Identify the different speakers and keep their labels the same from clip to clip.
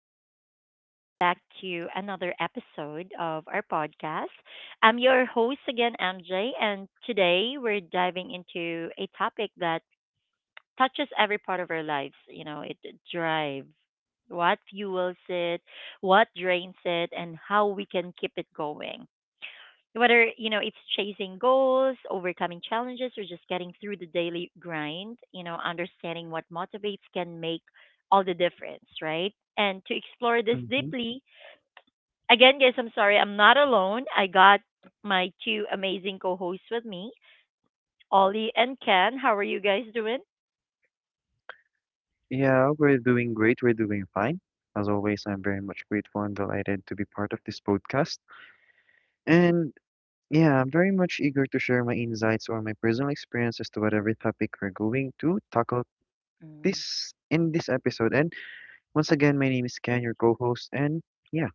Speaker 1: everyone, and welcome back to another episode of our podcast. I'm your host again, MJ, and today we're diving into a topic that touches every part of our lives. You know, it drives, what fuels it, what drains it, and how we can keep it going. Whether it's chasing goals, overcoming challenges, or just getting through the daily grind, understanding what motivates can make all the difference, right? And to explore this
Speaker 2: hmm
Speaker 1: deeply again, guys, I'm sorry, I'm not alone. I got my two amazing co-hosts with me, Ollie and Ken. How are you guys doing?
Speaker 2: Yeah, we're doing great. We're doing fine. As always, I'm very much grateful and delighted to be part of this podcast. And yeah, I'm very much eager to share my insights or my personal experiences to whatever topic we're going to tackle
Speaker 1: Mm.
Speaker 2: this in this episode. And once again, my name is Ken, your co-host. And yeah,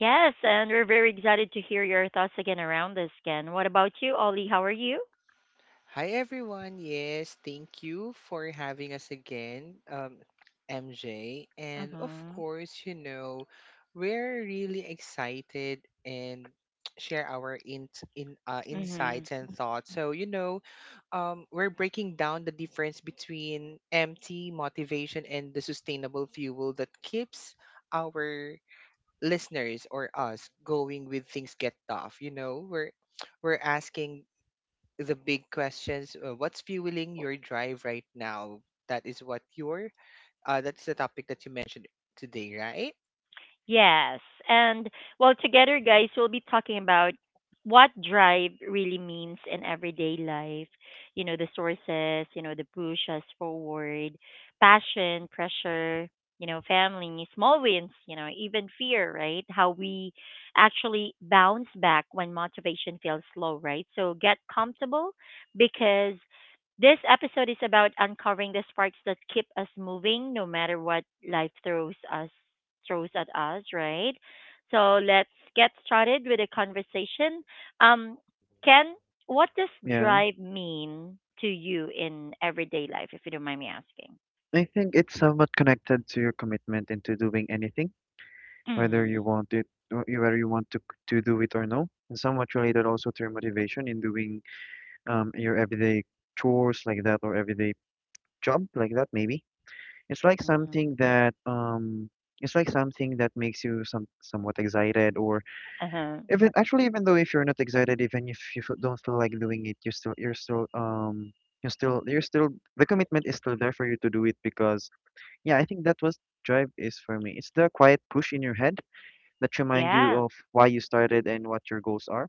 Speaker 1: Yes, and we're very excited to hear your thoughts again around this, Ken. What about you, Ollie? How are you?
Speaker 3: Hi everyone. Yes, thank you for having us again, MJ. And of
Speaker 1: Mm-hmm.
Speaker 3: course, you know, we're really excited and share our in
Speaker 1: Mm-hmm.
Speaker 3: insights and thoughts. So, you know, we're breaking down the difference between empty motivation and the sustainable fuel that keeps our listeners or us going with things get tough. You know, we're asking the big questions. What's fueling your drive right now? That is what your that's the topic that you mentioned today, right?
Speaker 1: Yes. And well, together, guys, we'll be talking about what drive really means in everyday life. You know, the sources, the push us forward, passion, pressure, family, small wins, even fear, right? How we actually bounce back when motivation feels low, right? So get comfortable, because this episode is about uncovering the sparks that keep us moving no matter what life throws us, throws at us, right? So let's get started with a conversation. Um, Ken, what does
Speaker 2: yeah,
Speaker 1: drive mean to you in everyday life, if you don't mind me asking?
Speaker 2: I think it's somewhat connected to your commitment into doing anything, whether
Speaker 1: Mm.
Speaker 2: you want it, whether you want to do it or no, and somewhat related also to your motivation in doing, your everyday chores like that or everyday job like that maybe it's like something
Speaker 1: Mhm.
Speaker 2: that it's like something that makes you somewhat excited, or
Speaker 1: Uh-huh.
Speaker 2: even actually, even though if you're not excited, even if you don't feel like doing it, you're still you're still, the commitment is still there for you to do it. Because yeah, I think that was, drive is for me, it's the quiet push in your head that remind you
Speaker 1: Yeah,
Speaker 2: of why you started and what your goals are.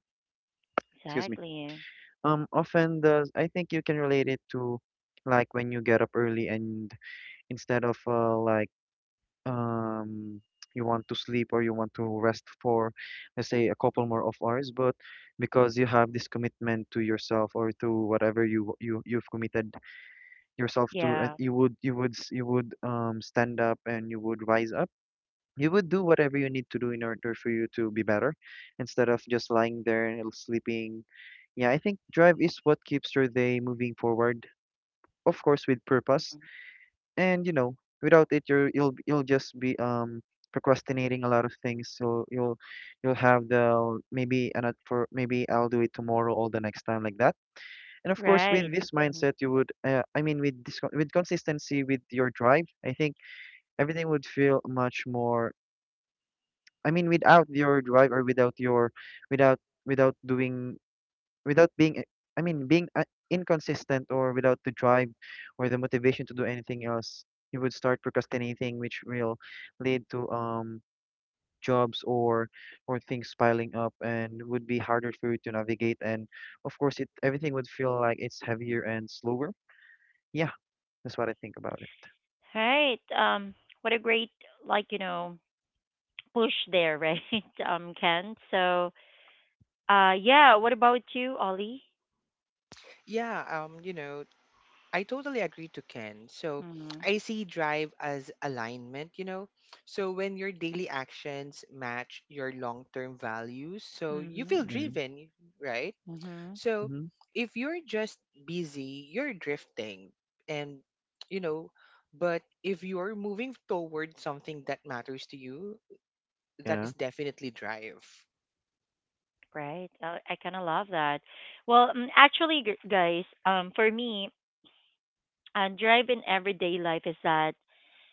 Speaker 2: Excuse me.
Speaker 1: exactly.
Speaker 2: Often does, I think you can relate it to like when you get up early and instead of um you want to sleep or you want to rest for let's say a couple more of hours. But because you have this commitment to yourself or to whatever you you've committed yourself to,
Speaker 1: Yeah.
Speaker 2: you would, you would stand up and you would rise up, you would do whatever you need to do in order for you to be better instead of just lying there and sleeping. Yeah, I think drive is what keeps your day moving forward, of course, with purpose.
Speaker 1: Mhm.
Speaker 2: And you know, without it, you'll just be procrastinating a lot of things. So you'll have the maybe and for maybe I'll do it tomorrow or the next time like that. And of course, with
Speaker 1: Right.
Speaker 2: this
Speaker 1: Mhm.
Speaker 2: mindset, you would I mean, with this, with consistency with your drive, I think everything would feel much more, I mean, without your drive or without your, without, without doing, without being I mean being inconsistent or without the drive or the motivation to do anything else, you would start procrastinating, which will lead to jobs or things piling up, and would be harder for you to navigate. And of course it, everything would feel like it's heavier and slower. Yeah, that's what I think about it.
Speaker 1: Right. What a great, like, push there, right, Ken? So, yeah, what about you, Ollie?
Speaker 3: Yeah, you know, I totally agree to Ken. So
Speaker 1: Mm-hmm.
Speaker 3: I see drive as alignment, you know. So when your daily actions match your long-term values, so you feel
Speaker 2: Yeah.
Speaker 3: driven, right?
Speaker 1: Mm-hmm.
Speaker 3: So
Speaker 2: Mhm.
Speaker 3: if you're just busy, you're drifting and, you know, but if you're moving toward something that matters to you, that
Speaker 2: Yeah.
Speaker 3: is definitely drive.
Speaker 1: Right. I kind of love that. Well, actually, guys, for me, drive in everyday life is that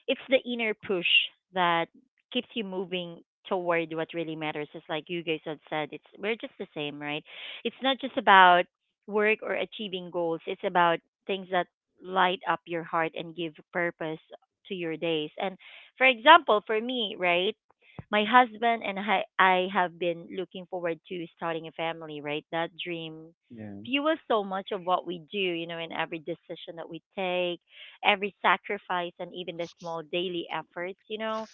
Speaker 1: it's the inner push that keeps you moving toward what really matters. It's like you guys have said, it's we're just the same, right? It's not just about work or achieving goals. It's about things that light up your heart and give purpose to your days. And for example, for me, right? My husband and I have been looking forward to starting a family, right? That dream
Speaker 2: Yeah.
Speaker 1: fuels so much of what we do, you know, in every decision that we take, every sacrifice, and even the small daily efforts, you know,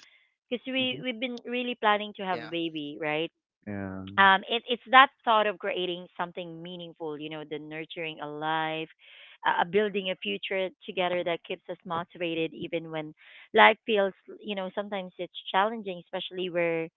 Speaker 1: because we
Speaker 2: Mhm.
Speaker 1: we've been really planning to have a
Speaker 3: Yeah.
Speaker 1: baby, right?
Speaker 2: Yeah.
Speaker 1: It, it's that thought of creating something meaningful, you know, the nurturing a life, building a future together that keeps us motivated even when life feels, you know, sometimes it's challenging, especially we're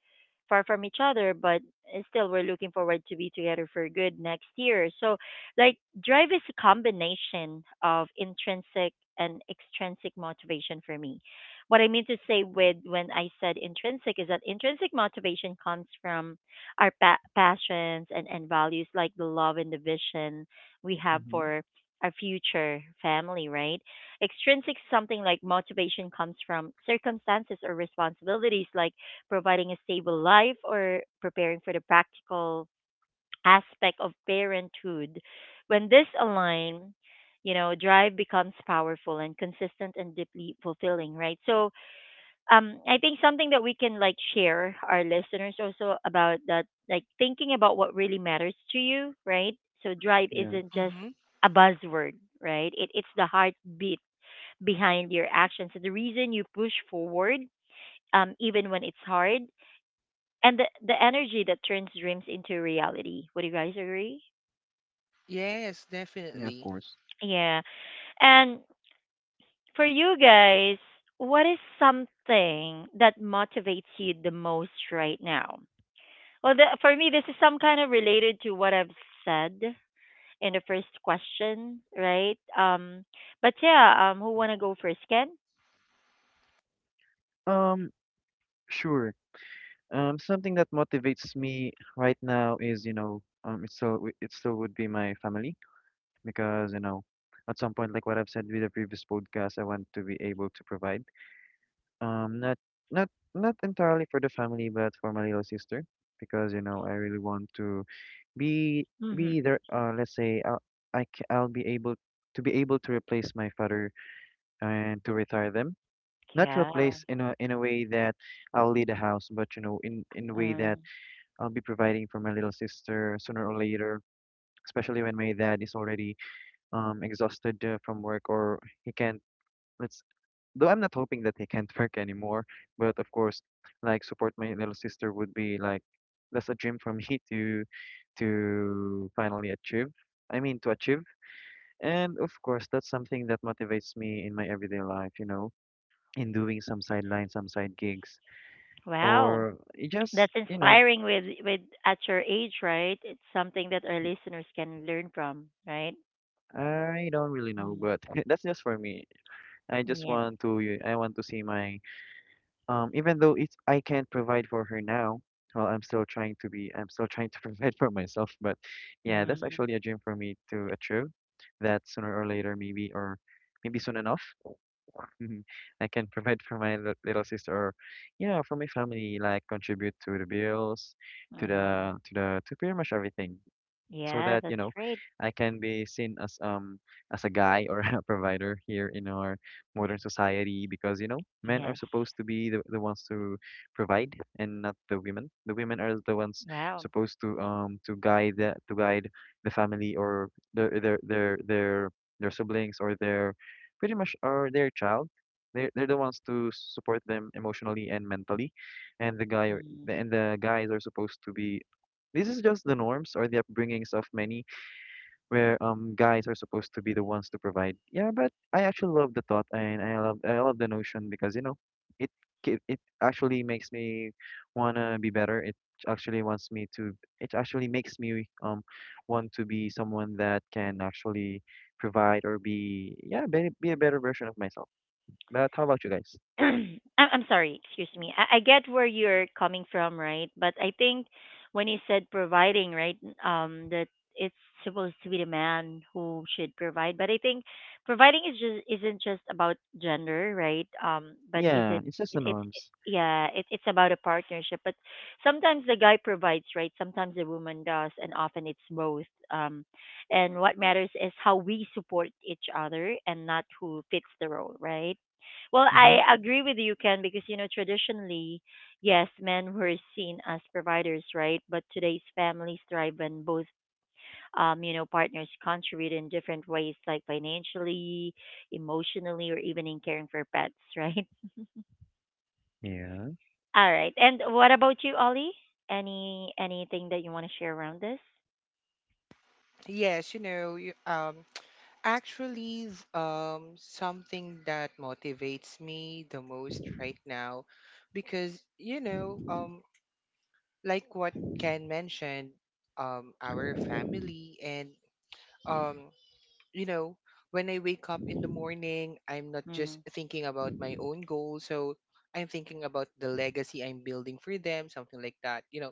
Speaker 1: far from each other, but still we're looking forward to be together for good next year. So, like, drive is a combination of intrinsic and extrinsic motivation for me. What I mean to say with when I said intrinsic is that intrinsic motivation comes from our passions, and values, like the love and the vision we have
Speaker 2: Mhm.
Speaker 1: for our future family, right? Extrinsic something like motivation comes from circumstances or responsibilities, like providing a stable life or preparing for the practical aspect of parenthood. When this align, you know, drive becomes powerful and consistent and deeply fulfilling, right? So, I think something that we can like share our listeners also about that, like thinking about what really matters to you, right? So drive
Speaker 2: Yeah.
Speaker 1: isn't just
Speaker 3: Mm-hmm.
Speaker 1: a buzzword, right? It, it's the heartbeat behind your actions and the reason you push forward even when it's hard, and the energy that turns dreams into reality. Would you guys agree?
Speaker 3: Yes,
Speaker 2: Yeah. Of
Speaker 3: definitely.
Speaker 2: course.
Speaker 1: Yeah. And for you guys, what is something that motivates you the most right now? Well, the, for me, this is some kind of related to what I've said in the first question, right? But yeah, who wanna go first? Ken?
Speaker 2: Um. Sure. Something that motivates me right now is, you know, it still would be my family because, you know, at some point, like what I've said with the previous podcast, I want to be able to provide, not, not, not entirely for the family, but for my little sister. Because, you know, I really want to be
Speaker 1: Mm-hmm.
Speaker 2: be there. Let's say I'll, I'll be able, to be able to replace my father and to retire them. Not
Speaker 1: Yeah.
Speaker 2: replace in a way that I'll lead a house, but you know, in a way that
Speaker 1: Um,
Speaker 2: I'll be providing for my little sister sooner or later, especially when my dad is already exhausted from work, or he can't, let's, though I'm not hoping that he can't work anymore, but of course, like support my little sister would be like, that's a dream for me to finally achieve. I mean to achieve. And of course, that's something that motivates me in my everyday life, you know, in doing some sideline, some side gigs,
Speaker 1: wow,
Speaker 2: or it just,
Speaker 1: that's
Speaker 2: you know,
Speaker 1: inspiring. With at your age, right? It's something that our listeners can learn from, right?
Speaker 2: I don't really know,
Speaker 1: Mm.
Speaker 2: but that's just for me. I just
Speaker 1: Yeah.
Speaker 2: want to I want to see my even though it's, I can't provide for her now. Well, I'm still trying to be, I'm still trying to provide for myself, but yeah, that's
Speaker 1: Mm.
Speaker 2: actually a dream for me to achieve that sooner or later maybe, or maybe soon enough I can provide for my little sister, or yeah, for my family, like contribute to the bills, to the,
Speaker 1: Mm.
Speaker 2: to pretty much everything, so
Speaker 1: Yeah,
Speaker 2: that you
Speaker 1: that's
Speaker 2: know
Speaker 1: great.
Speaker 2: I can be seen as a guy or a provider here in our modern society. Because you know, men are
Speaker 1: Yes.
Speaker 2: supposed to be the ones to provide, and not the women. The women are the ones
Speaker 1: Wow.
Speaker 2: supposed to guide the family, or their, their siblings, or their pretty much, or their child. They're the ones to support them emotionally and mentally, and the guy
Speaker 1: Mm.
Speaker 2: and the guys are supposed to be, this is just the norms or the upbringings of many, where guys are supposed to be the ones to provide. Yeah, but I actually love the thought, and I love, I love the notion, because you know, it, it actually makes me wanna be better. It actually wants me to. It actually makes me want to be someone that can actually provide, or be, yeah, be a better version of myself. But how about you guys?
Speaker 1: I'm sorry, excuse me. I get where you're coming from, right? But I think when you said providing, right, that it's supposed to be the man who should provide. But I think providing is just isn't just about gender, right? But is
Speaker 2: Yeah,
Speaker 1: it?
Speaker 2: it's just the
Speaker 1: It's
Speaker 2: norms.
Speaker 1: yeah, it, it's about a partnership. But sometimes the guy provides, right? Sometimes the woman does, and often it's both. Um, and what matters is how we support each other and not who fits the role, right? Well,
Speaker 2: Mm-hmm.
Speaker 1: I agree with you, Ken, because you know traditionally, yes, men were seen as providers, right? But today's families thrive when both, you know, partners contribute in different ways, like financially, emotionally, or even in caring for pets, right?
Speaker 2: Yeah.
Speaker 1: All right. And what about you, Ollie? Any anything that you want to share around this?
Speaker 3: Yes, actually, something that motivates me the most right now, because like what Ken mentioned, our family and um you know, when I wake up in the morning, I'm not just
Speaker 1: Mm,
Speaker 3: thinking about my own goals. So I'm thinking about the legacy I'm building for them, something like that, you know,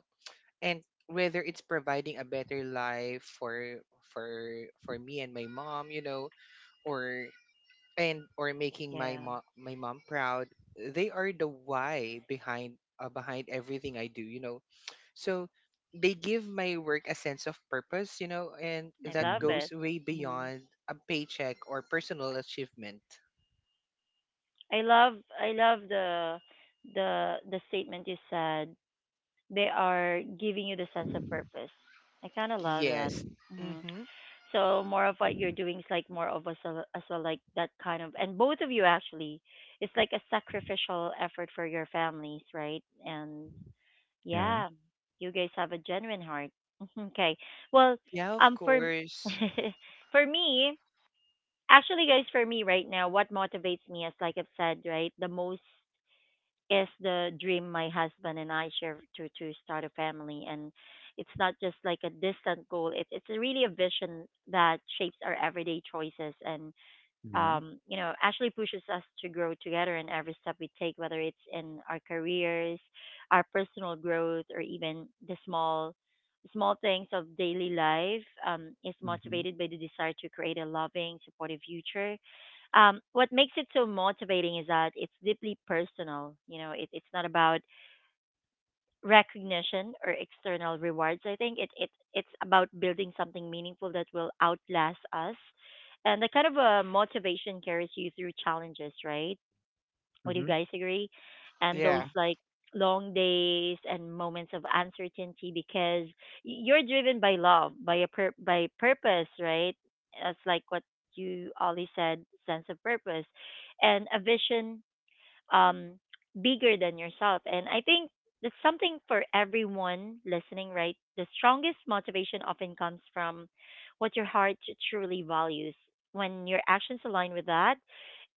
Speaker 3: and whether it's providing a better life for me and my mom, you know, or and or making my
Speaker 1: yeah,
Speaker 3: mom my mom proud. They are the why behind behind everything I do, you know. So they give my work a sense of purpose, you know, and
Speaker 1: I
Speaker 3: that
Speaker 1: love
Speaker 2: Mm-hmm.
Speaker 3: goes
Speaker 1: it.
Speaker 3: way
Speaker 1: Mm.
Speaker 3: beyond a paycheck or personal achievement.
Speaker 1: I love, the the statement you said. They are giving you the sense of purpose. I kind of love that.
Speaker 3: Yes.
Speaker 1: Hmm.
Speaker 3: Mm-hmm.
Speaker 1: So more of what you're doing is like more of us as well, like that kind of, and both of you actually, it's like a sacrificial effort for your families, right? And
Speaker 2: Yeah.
Speaker 1: yeah, you guys have a genuine heart. Okay, well,
Speaker 3: Yeah, of
Speaker 1: for
Speaker 3: course.
Speaker 1: for me, actually, guys, for me right now, what motivates me, as like I've said, right, the most is the dream my husband and I share to start a family. And it's not just like a distant goal, it's really a vision that shapes our everyday choices. And
Speaker 2: Yeah.
Speaker 1: you know, actually pushes us to grow together in every step we take, whether it's in our careers, our personal growth, or even the small, small things of daily life, is
Speaker 2: Mm-hmm.
Speaker 1: motivated by the desire to create a loving, supportive future. What makes it so motivating is that it's deeply personal. You know, it, it's not about recognition or external rewards. I think it, it it's about building something meaningful that will outlast us, and the kind of motivation carries you through challenges, right? Would you
Speaker 2: Mm-hmm.
Speaker 1: guys agree? And
Speaker 2: Yeah.
Speaker 1: those
Speaker 3: Yeah,
Speaker 1: like long days and moments of uncertainty, because you're driven by love, by a by purpose, right? That's like what you always said, sense of purpose, and a vision um, bigger than yourself. And I think that's something for everyone listening, right? The strongest motivation often comes from what your heart truly values. When your actions align with that,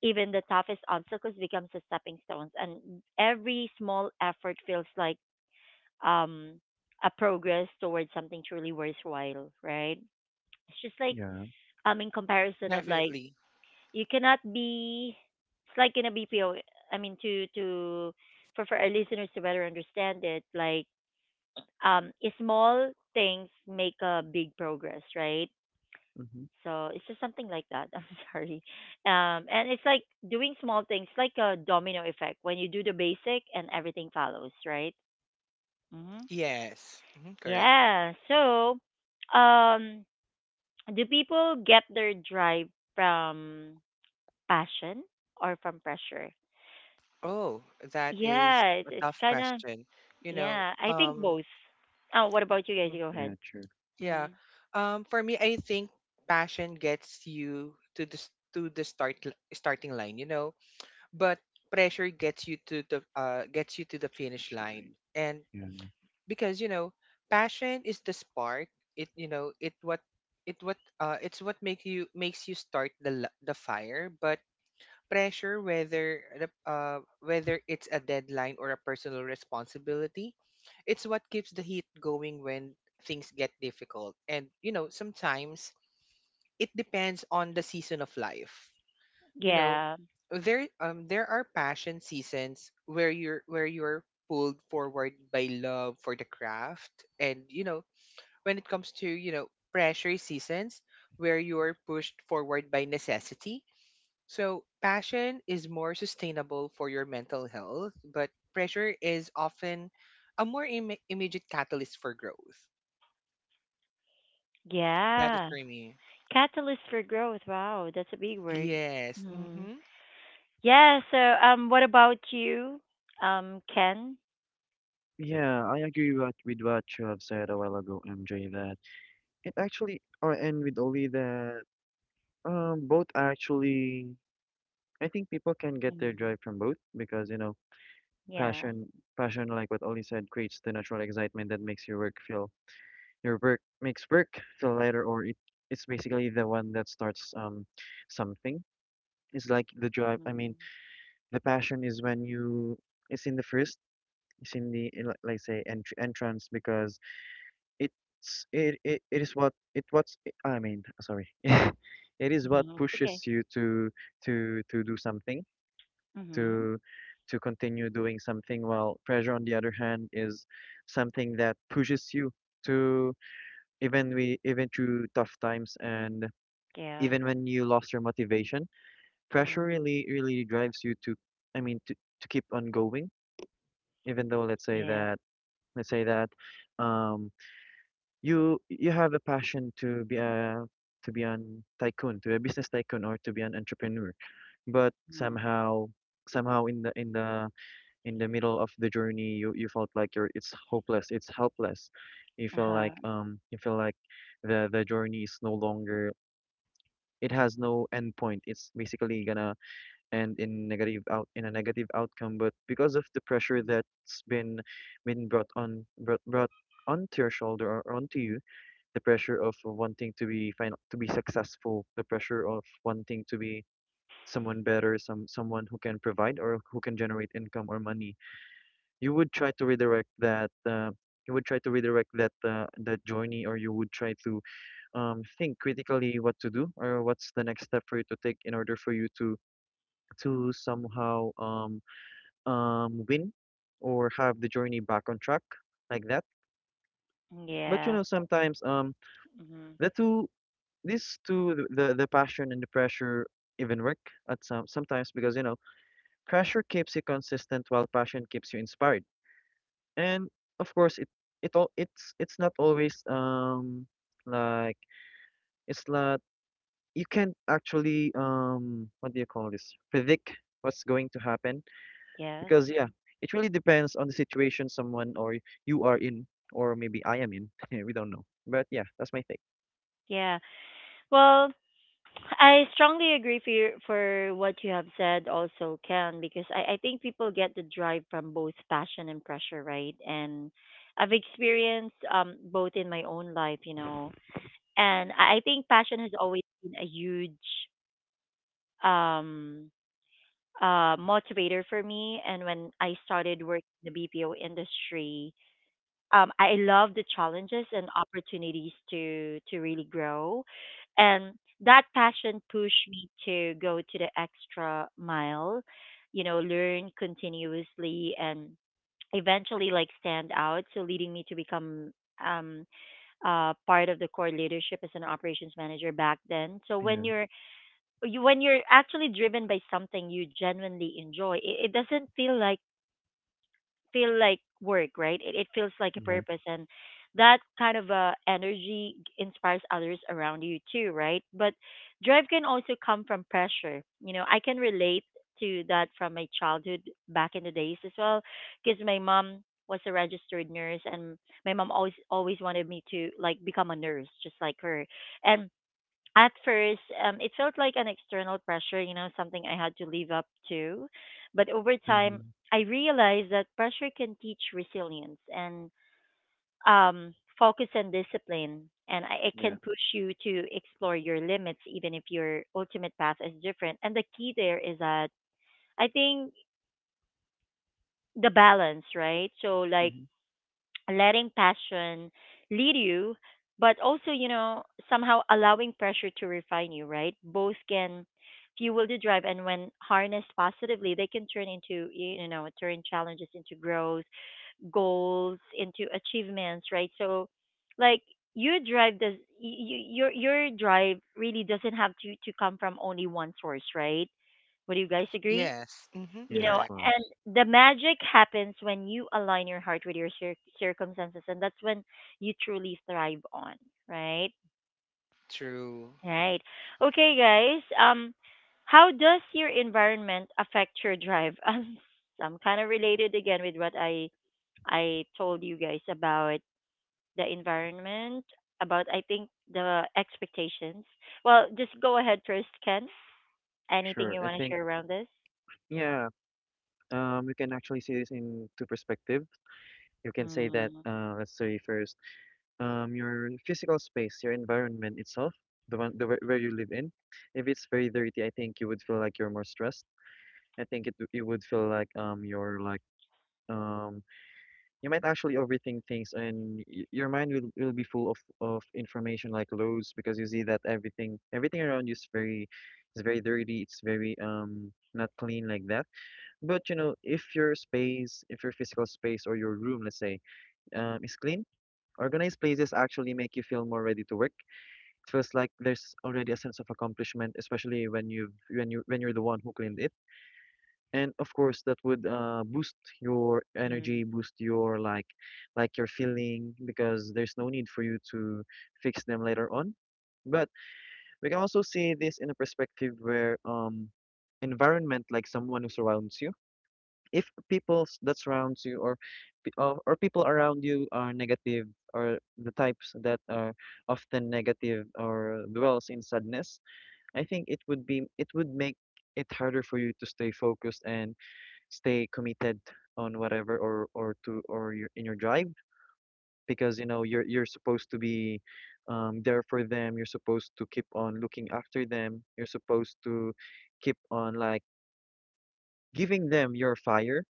Speaker 1: even the toughest obstacles becomes a stepping stones, and every small effort feels like um, a progress towards something truly worthwhile, right? It's just like
Speaker 2: Yeah.
Speaker 1: in comparison of like,
Speaker 3: definitely.
Speaker 1: you cannot be, it's like in a BPO. I mean, to for our listeners to better understand it, like um, small things make a big progress, right?
Speaker 2: Mhm.
Speaker 1: So it's just something like that. I'm sorry, and it's like doing small things, like a domino effect. When you do the basic, and everything follows, right? Hmm.
Speaker 3: Yes. Hmm, correct.
Speaker 1: Yeah. So, um, do people get their drive from passion or from pressure?
Speaker 3: Oh, that is
Speaker 1: Yeah,
Speaker 3: a
Speaker 1: it's
Speaker 3: tough
Speaker 1: kind of
Speaker 3: question. You know,
Speaker 1: yeah. I think both. Oh, what about you guys?
Speaker 3: mm,
Speaker 1: Go
Speaker 2: Yeah,
Speaker 1: ahead.
Speaker 2: true.
Speaker 3: yeah.
Speaker 1: Mm-hmm.
Speaker 3: For me, I think passion gets you to the starting line. You know, but pressure gets you to the gets you to the finish line.
Speaker 2: Actually,
Speaker 3: And
Speaker 2: yeah.
Speaker 3: because, you know, passion is the spark. It you know it what It's what makes you start the fire. But pressure, whether the whether it's a deadline or a personal responsibility, it's what keeps the heat going when things get difficult. And, you know, sometimes it depends on the season of life, you know.
Speaker 1: Yeah,
Speaker 3: There are passion seasons where you're pulled forward by love for the craft. And, you know, when it comes to, you know, pressure seasons, where you're pushed forward by necessity. So passion is more sustainable for your mental health, but pressure is often a more immediate catalyst for growth. That is
Speaker 1: yeah.
Speaker 3: for me.
Speaker 1: Catalyst for growth. Wow, that's a big word.
Speaker 3: Yes,
Speaker 1: Mm.
Speaker 3: mhm.
Speaker 1: Yeah. So, what about you, Ken?
Speaker 2: Yeah, I agree what, with what you have said a while ago, MJ, that it actually, or and with Oli, that both actually, I think people can get their
Speaker 1: Mm.
Speaker 2: drive from both. Because, you know,
Speaker 1: Yeah.
Speaker 2: passion, passion, like what Oli said, creates the natural excitement that makes your work feel, your work makes work feel lighter, or it, it's basically the one that starts something. It's like the drive, I
Speaker 1: Mm.
Speaker 2: mean, the passion is when you, it's in the first is in the in, like say entrance, because it's it, is what it what's, I mean sorry it is what
Speaker 1: Mm-hmm. It's okay.
Speaker 2: pushes you to do something,
Speaker 1: Mm-hmm.
Speaker 2: to to continue doing something. While pressure on the other hand is something that pushes you to, even we, even through tough times, and
Speaker 1: Yeah.
Speaker 2: even when you lost your motivation, pressure
Speaker 1: Mm-hmm.
Speaker 2: really really drives you to, I mean to keep on going, even though let's say
Speaker 1: Yeah.
Speaker 2: that, let's say that um you, you have a passion to be a, to be an tycoon, to be a business tycoon or to be an entrepreneur. But
Speaker 1: Mm-hmm.
Speaker 2: somehow, somehow in the in the middle of the journey, you felt like you're, it's hopeless, it's helpless.
Speaker 1: Uh huh.
Speaker 2: You feel like the journey is no longer, it has no end point. It's basically gonna end in negative out, in a negative outcome. But because of the pressure that's been brought on brought brought onto your shoulder, or onto you, the pressure of wanting to be to be successful, the pressure of wanting to be someone better, some someone who can provide, or who can generate income or money. You would try to redirect that. You would try to redirect that that journey, or you would try to think critically what to do, or what's the next step for you to take in order for you to somehow win, or have the journey back on track like that. But you
Speaker 1: Yeah.
Speaker 2: know, sometimes
Speaker 1: Mm-hmm.
Speaker 2: the two, these two, the passion and the pressure, even work at some sometimes. Because you know, pressure keeps you consistent while passion keeps you inspired. And of course, it all it's not always like it's not, you can't actually what do you call this, predict what's going to happen.
Speaker 1: Yes.
Speaker 2: Because yeah, it really depends on the situation someone, or you are in, or maybe I am in, we don't know. But yeah, that's my take.
Speaker 1: Yeah. Well, I strongly agree for your, for what you have said also, Ken, because I think people get the drive from both passion and pressure, right? And I've experienced both in my own life, you know. And I think passion has always been a huge um motivator for me, and when I started working in the BPO industry, I love the challenges and opportunities to really grow, and that passion pushed me to go to the extra mile, you know, learn continuously and eventually like stand out. So leading me to become um part of the core leadership as an operations manager back then. So when
Speaker 2: Yeah.
Speaker 1: you're you, when you're actually driven by something you genuinely enjoy, it doesn't feel like work, right? It feels like a
Speaker 2: Yeah.
Speaker 1: purpose, and that kind of energy inspires others around you too, right? But drive can also come from pressure. You know, I can relate to that from my childhood back in the days as well, because my mom was a registered nurse, and my mom always always wanted me to like become a nurse, just like her, and at first, it felt like an external pressure, you know, something I had to live up to. But over time,
Speaker 2: Hmm.
Speaker 1: I realized that pressure can teach resilience and focus and discipline. And I, it can
Speaker 2: Yeah.
Speaker 1: push you to explore your limits, even if your ultimate path is different. And the key there is that I think the balance, right? So, like,
Speaker 2: Hmm.
Speaker 1: letting passion lead you, but also, somehow allowing pressure to refine you, right? Both can fuel the drive, and when harnessed positively, they can turn challenges into growth, goals into achievements, right? So, like, your drive does you, your drive really doesn't have to come from only one source, right? Would you guys agree?
Speaker 3: Yes, mhm,
Speaker 1: you
Speaker 2: Yeah, of
Speaker 1: know
Speaker 3: correct.
Speaker 2: course.
Speaker 1: and the magic happens when you align your heart with your circumstances, and that's when you truly thrive on. Right.
Speaker 3: True.
Speaker 1: Right. Okay, guys. How does your environment affect your drive? I'm kind of related again with what I told you guys about the environment, about I think the expectations. Well, just go ahead first, Ken. Anything
Speaker 2: Sure.
Speaker 1: you
Speaker 2: I
Speaker 1: want to
Speaker 2: think,
Speaker 1: share around this?
Speaker 2: yeah, you can actually see this in two perspective. You can say that,
Speaker 1: Mm-hmm.
Speaker 2: let's say first, your physical space, your environment itself, the one, the where you live in. If it's very dirty, I think you would feel like you're more stressed. I think it, you would feel like you're like um you might actually overthink things, and y your mind will be full of information like loads, because you see that everything, everything around you is very, is very dirty. It's very not clean like that. But you know, if your space, if your physical space or your room, let's say, is clean, organized places actually make you feel more ready to work. It feels like there's already a sense of accomplishment, especially when you've, when you, when you're the one who cleaned it. And of course, that would boost your energy, boost your like your feeling because there's no need for you to fix them later on. But we can also see this in a perspective where environment like someone who surrounds you. If that surrounds you or people around you are negative or the types that are often negative or dwells in sadness, I think it would make it harder for you to stay focused and stay committed on whatever or your in your drive because you know you're supposed to be there for them. You're supposed to keep on looking after them. You're supposed to keep on like giving them your fire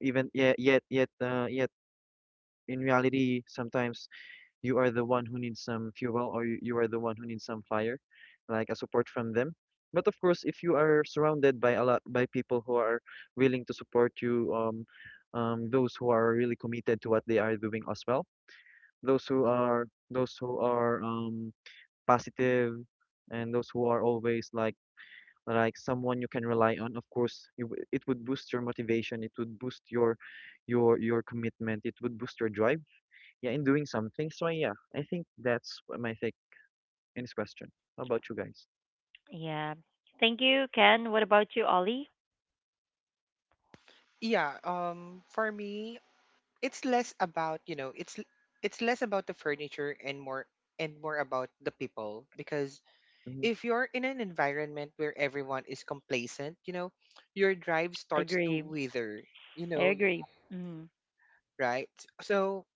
Speaker 2: even yet in reality, sometimes you are the one who needs some fuel or you are the one who needs some fire, like a support from them. But of course, if you are surrounded by a lot by people who are willing to support you, those who are really committed to what they are doing as well, those who are positive, and those who are always like someone you can rely on. Of course, it would boost your motivation. It would boost your your commitment. It would boost your drive, yeah, in doing something. So yeah, I think that's what my take in this question. How about you guys?
Speaker 1: Yeah. Thank you, Ken. What about you, Ollie?
Speaker 3: Yeah, for me, it's less about, you know, it's less about the furniture and more about the people. Because
Speaker 2: Mm-hmm.
Speaker 3: if you're in an environment where everyone is complacent, you know, your drive starts to
Speaker 1: Agree.
Speaker 3: wither, you
Speaker 1: I
Speaker 3: know,
Speaker 1: agree. Hmm.
Speaker 3: right? So,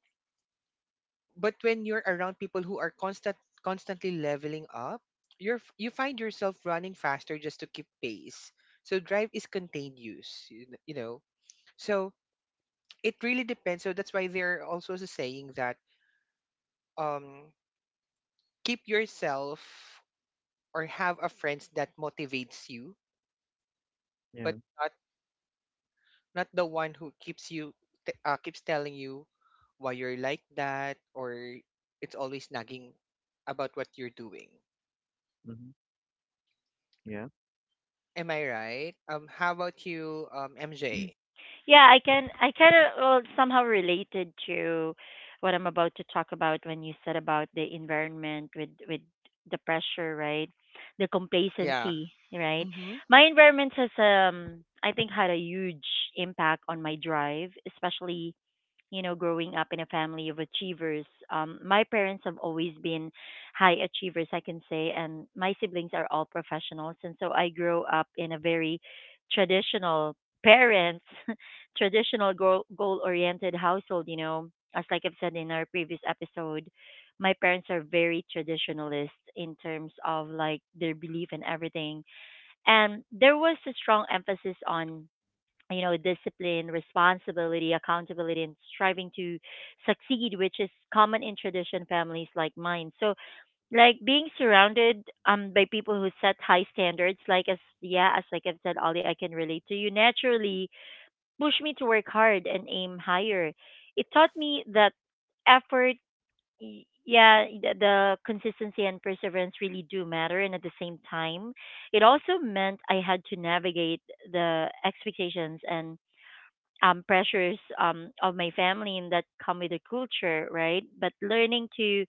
Speaker 3: but when you're around people who are constantly leveling up, you find yourself running faster just to keep pace. So drive is contained use, you know. So it really depends. So that's why they're also saying that, um, keep yourself or have a friend that motivates you,
Speaker 2: Yeah.
Speaker 3: but not the one who keeps you keeps telling you why you're like that, or it's always nagging about what you're doing.
Speaker 2: Mm-hmm. Yeah.
Speaker 3: Am I right? How about you, MJ?
Speaker 1: Yeah, I can. I kind of, well, somehow related to what I'm about to talk about when you said about the environment with the pressure, right? The
Speaker 3: Yeah.
Speaker 1: complacency, right?
Speaker 3: Mm-hmm.
Speaker 1: My environment has, I think, had a huge impact on my drive, especially, you know, growing up in a family of achievers. My parents have always been high achievers, I can say, and my siblings are all professionals. And so I grew up in a very traditional parents, traditional goal oriented household. As like I've said in our previous episode, my parents are very traditionalist in terms of, like, their belief and everything. And there was a strong emphasis on discipline, responsibility, accountability, and striving to succeed, which is common in tradition families like mine. So, like, being surrounded, by people who set high standards, like, as, yeah, as like I've said, Ollie, I can relate to you, naturally push me to work hard and aim higher. It taught me that effort, yeah, the consistency and perseverance really do matter. And at the same time, it also meant I had to navigate the expectations and, pressures, of my family, and that come with the culture, right? But learning to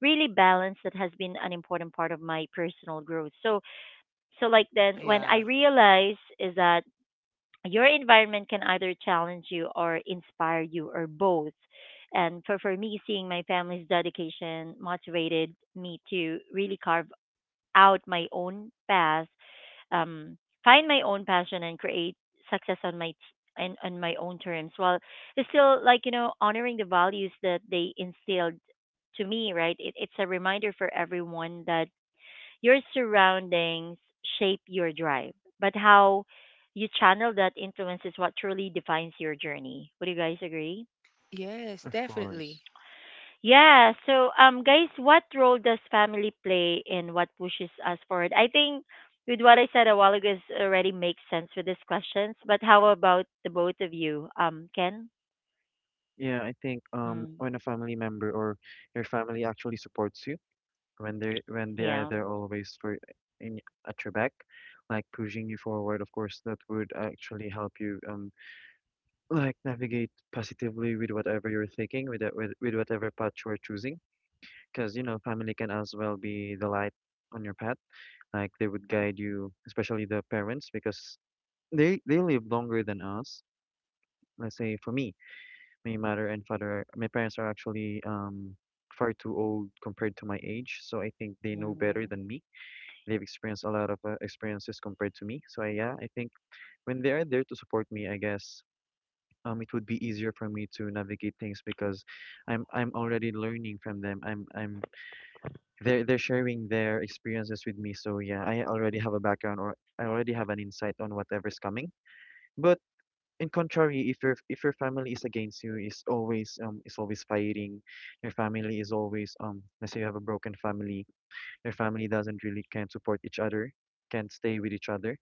Speaker 1: really balance that has been an important part of my personal growth. So, like, then when I
Speaker 3: Yeah.
Speaker 1: realize is that your environment can either challenge you or inspire you, or both. And for me, seeing my family's dedication motivated me to really carve out my own path, um, find my own passion, and create success on and on my own terms, while it's still, like, you know, honoring the values that they instilled to me. Right. It's a reminder for everyone that your surroundings shape your drive, but how you channel that influence is what truly defines your journey. Would you guys agree?
Speaker 3: Yes,
Speaker 2: Of
Speaker 3: definitely.
Speaker 2: course.
Speaker 1: Yeah. So, guys, what role does family play in what pushes us forward? I think with what I said a while ago is already makes sense with these questions. But how about the both of you, Ken?
Speaker 2: Yeah, I think
Speaker 1: Mm,
Speaker 2: when a family member or your family actually supports you, when they are
Speaker 1: yeah.
Speaker 2: there always for in at your back, like pushing you forward, of course that would actually help you like navigate positively with whatever you're thinking, with whatever path you're choosing. Because you know, family can as well be the light on your path. Like they would guide you, especially the parents, because they live longer than us. Let's say for me, my mother and father, my parents are actually far too old compared to my age, so I think they know better
Speaker 1: Hmm.
Speaker 2: than me. They've experienced a lot of experiences compared to me. So I, yeah, I think when they are there to support me, I guess it would be easier for me to navigate things because I'm already learning from them. I'm they're sharing their experiences with me. So yeah, I already have a background or I already have an insight on whatever's coming. But in contrary, if your family is against you, is always fighting, your family is always let's say you have a broken family, your family doesn't really can't support each other, can't stay with each other.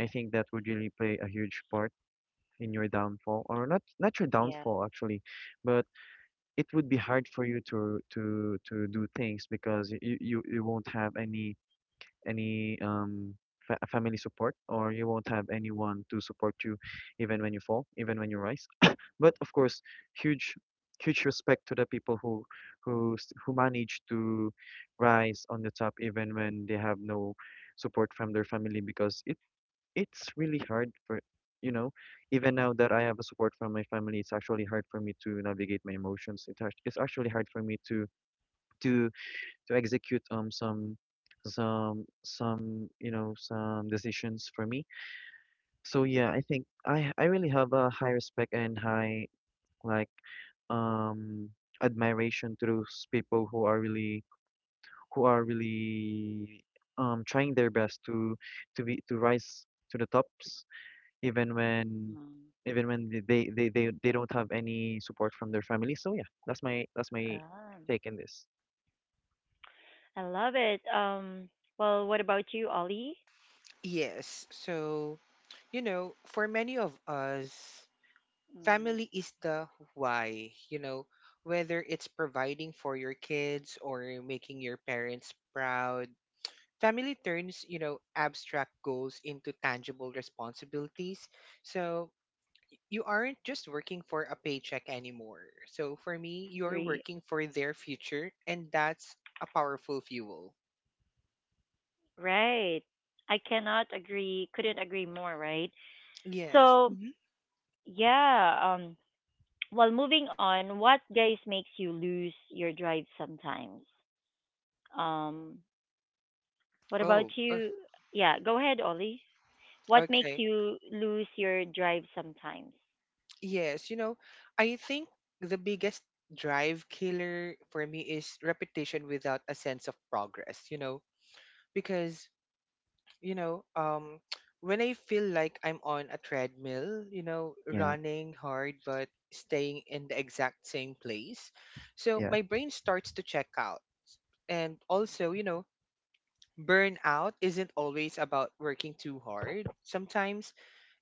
Speaker 2: I think that would really play a huge part in your downfall or not your
Speaker 1: Yeah.
Speaker 2: downfall actually, but it would be hard for you to do things because you won't have any fa family support, or you won't have anyone to support you even when you fall, even when you rise. But of course, huge huge respect to the people who who manage to rise on the top even when they have no support from their family, because it's really hard for, you know, even now that I have a support from my family, it's actually hard for me to navigate my emotions. It's actually hard for me to to execute some some you know some decisions for me. So yeah, I think I really have a high respect and high like um admiration to those people who are really who are really trying their best to be to rise to the tops even when they don't have any support from their family. So yeah, that's my
Speaker 1: Um,
Speaker 2: take in this.
Speaker 1: I love it. Well, what about you, Ollie?
Speaker 3: Yes. So, you know, for many of us, family is the why, you know, whether it's providing for your kids or making your parents proud. Family turns, you know, abstract goals into tangible responsibilities. So you aren't just working for a paycheck anymore. So for me, you're
Speaker 1: Agree.
Speaker 3: working for their future, and that's a powerful fuel.
Speaker 1: Right. I cannot agree. Couldn't agree more. Right.
Speaker 3: Yes.
Speaker 1: So,
Speaker 3: Hmm.
Speaker 1: yeah. Well, moving on, what, guys, makes you lose your drive sometimes? Um, what
Speaker 3: Oh,
Speaker 1: about
Speaker 3: uh,
Speaker 1: you? Yeah, go ahead, Ollie. What makes
Speaker 3: okay.
Speaker 1: you lose your drive sometimes?
Speaker 3: Yes, you know, I think the biggest drive killer for me is repetition without a sense of progress, you know, because, you know, when I feel like I'm on a treadmill, you know,
Speaker 2: Yeah,
Speaker 3: running hard but staying in the exact same place, so
Speaker 2: yeah.
Speaker 3: my brain starts to check out. And also, you know, burnout isn't always about working too hard. Sometimes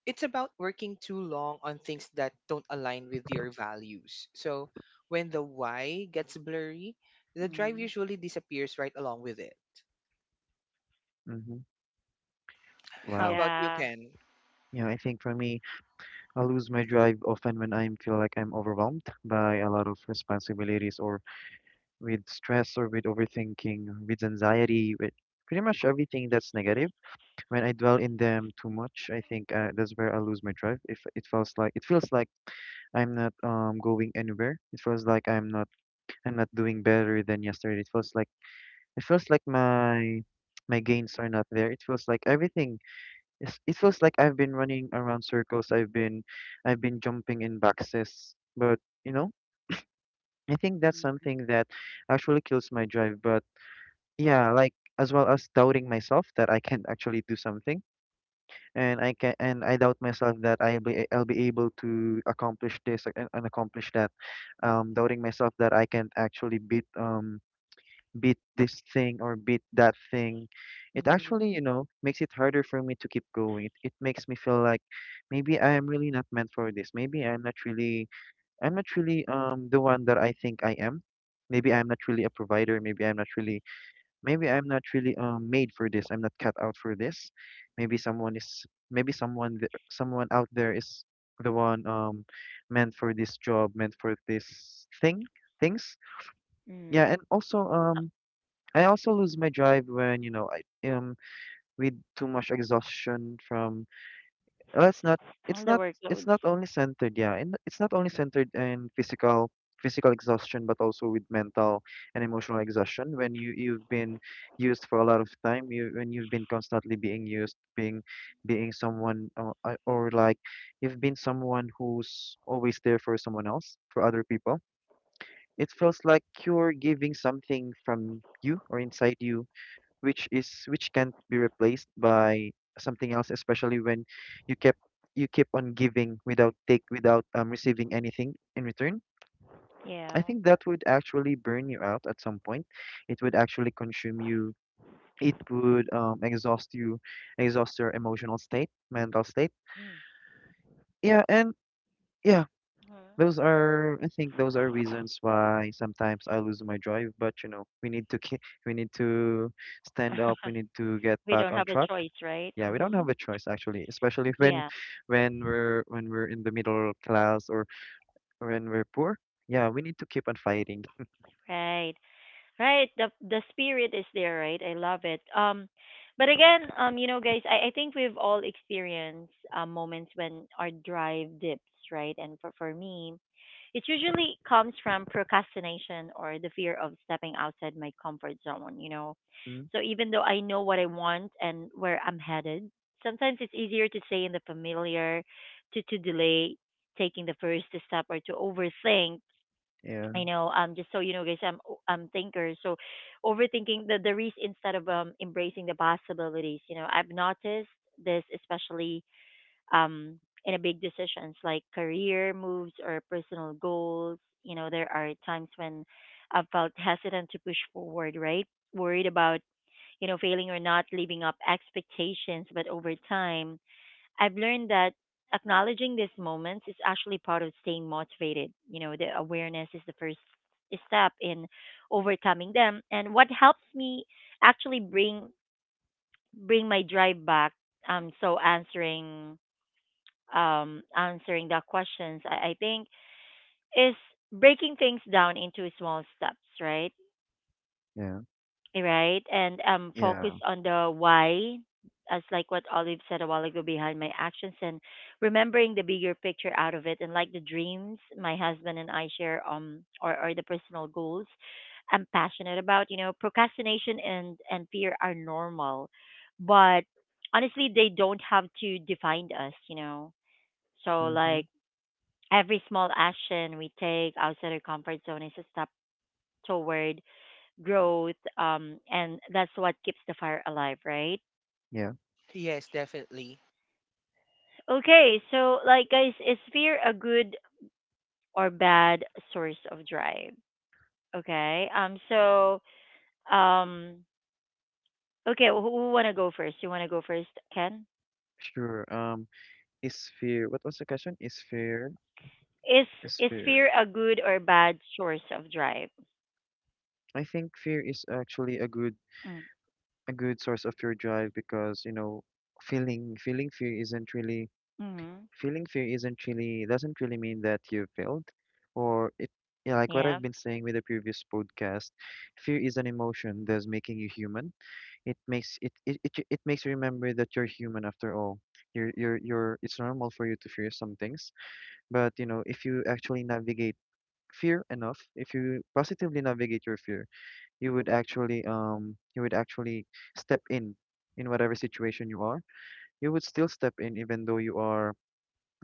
Speaker 3: it's about working too long on things that don't align with your values. So when the why gets blurry, the drive
Speaker 1: Mm.
Speaker 3: usually disappears right along with it.
Speaker 2: Mm-hmm.
Speaker 3: How
Speaker 2: Wow.
Speaker 3: about you,
Speaker 1: Yeah.
Speaker 3: Ken?
Speaker 2: Yeah, I think for me, I lose my drive often when I feel like I'm overwhelmed by a lot of responsibilities or with stress or with overthinking, with anxiety, with pretty much everything that's negative. When I dwell in them too much, I think that's where I lose my drive. If it feels like I'm not going anywhere. It feels like I'm not doing better than yesterday. It feels like my gains are not there. It feels like everything is, it feels like I've been running around circles. I've been jumping in boxes. But you know, I think that's
Speaker 1: Mm-hmm.
Speaker 2: something that actually kills my drive. But yeah, like as well as doubting myself that I can actually do something, and I can and I doubt myself that I'll be able to accomplish this, and accomplish that. Doubting myself that I can actually beat beat this thing or beat that thing. It actually, you
Speaker 1: Mm-hmm.
Speaker 2: know, makes it harder for me to keep going. It makes me feel like maybe I am really not meant for this. Maybe I'm not really the one that I think I am. Maybe I'm not really a provider. Maybe I'm not really maybe I'm not really made for this. I'm not cut out for this. Maybe someone is maybe someone out there is the one meant for this job, meant for this thing, things. Yeah, and
Speaker 1: Mm.
Speaker 2: also I also lose my drive when, you know, I with too much exhaustion from, well, it's
Speaker 1: And the
Speaker 2: not it's
Speaker 1: workloads.
Speaker 2: not only centered, yeah, and it's not only
Speaker 1: Mm.
Speaker 2: centered in physical exhaustion, but also with mental and emotional exhaustion. When you've been used for a lot of time, you when you've been constantly being used, being someone, or like you've been someone who's always there for someone else, for other people. It feels like you're giving something from you or inside you, which is which can't be replaced by something else, especially when you kept you keep on giving without take without receiving anything in return.
Speaker 1: Yeah.
Speaker 2: I think that would actually burn you out at some point. It would actually consume you. It would exhaust you, exhaust your emotional state, mental state.
Speaker 1: Mm.
Speaker 2: Yeah, and yeah, those are, I think those are reasons why sometimes I lose my drive. But you know, we need to
Speaker 1: Hmm.
Speaker 2: stand up. We need to get
Speaker 1: We
Speaker 2: back
Speaker 1: don't
Speaker 2: on
Speaker 1: have a
Speaker 2: track.
Speaker 1: choice, right?
Speaker 2: Yeah, we don't
Speaker 1: Mm-hmm.
Speaker 2: have a choice actually, especially when
Speaker 1: Yeah,
Speaker 2: when we're in the middle class or when we're poor. Yeah, we need to keep on fighting.
Speaker 1: right. Right, the spirit is there, right? I love it. But again, guys, I think we've all experienced moments when our drive dips, right? And for me, it usually comes from procrastination or the fear of stepping outside my comfort zone.
Speaker 2: Mm,
Speaker 1: So even though I know what I want and where I'm headed, sometimes it's easier to stay in the familiar, to delay taking the first step, or to overthink.
Speaker 2: yeah,
Speaker 1: I know, just so you know, guys, I'm thinker. So, overthinking the risk instead of embracing the possibilities. You know, I've noticed this, especially um in a big decisions like career moves or personal goals. You know, there are times when I've felt hesitant to push forward, right? Worried about failing or not living up expectations. But over time I've learned that acknowledging these moments is actually part of staying motivated. You know, the awareness is the first step in overcoming them. And what helps me actually bring my drive back. So answering, answering the questions, I think, is breaking things down into small steps, right?
Speaker 2: yeah,
Speaker 1: Right? And, focus
Speaker 2: yeah.
Speaker 1: on the why, as like what Olive said a while ago, behind my actions, and remembering the bigger picture out of it, and like the dreams my husband and I share, or, the personal goals I'm passionate about. You know, procrastination and fear are normal, but honestly, they don't have to define us, you know? So,
Speaker 2: Mm-hmm.
Speaker 1: like, every small action we take outside our comfort zone is a step toward growth, and that's what keeps the fire alive, right?
Speaker 2: Yeah,
Speaker 3: Yes, definitely.
Speaker 1: Okay, so, like, guys, is fear a good or bad source of drive? Okay. So, um okay, who want to go first? You want to go first, Ken?
Speaker 2: sure. Is fear, what was the question?
Speaker 1: Is
Speaker 2: Is fear.
Speaker 1: fear a good or bad source of drive?
Speaker 2: I think fear is actually a good,
Speaker 1: Mm.
Speaker 2: a good source of your drive, because you know feeling fear isn't really
Speaker 1: Mm.
Speaker 2: doesn't really mean that you failed or it, yeah, like what
Speaker 1: Yeah.
Speaker 2: I've been saying with the previous podcast, fear is an emotion that's making you human. It makes it it makes you remember that you're human after all. You're, it's normal for you to fear some things. But you know, if you actually navigate fear enough, if you positively navigate your fear, you would actually step in whatever situation you are. You would still step in even though you are,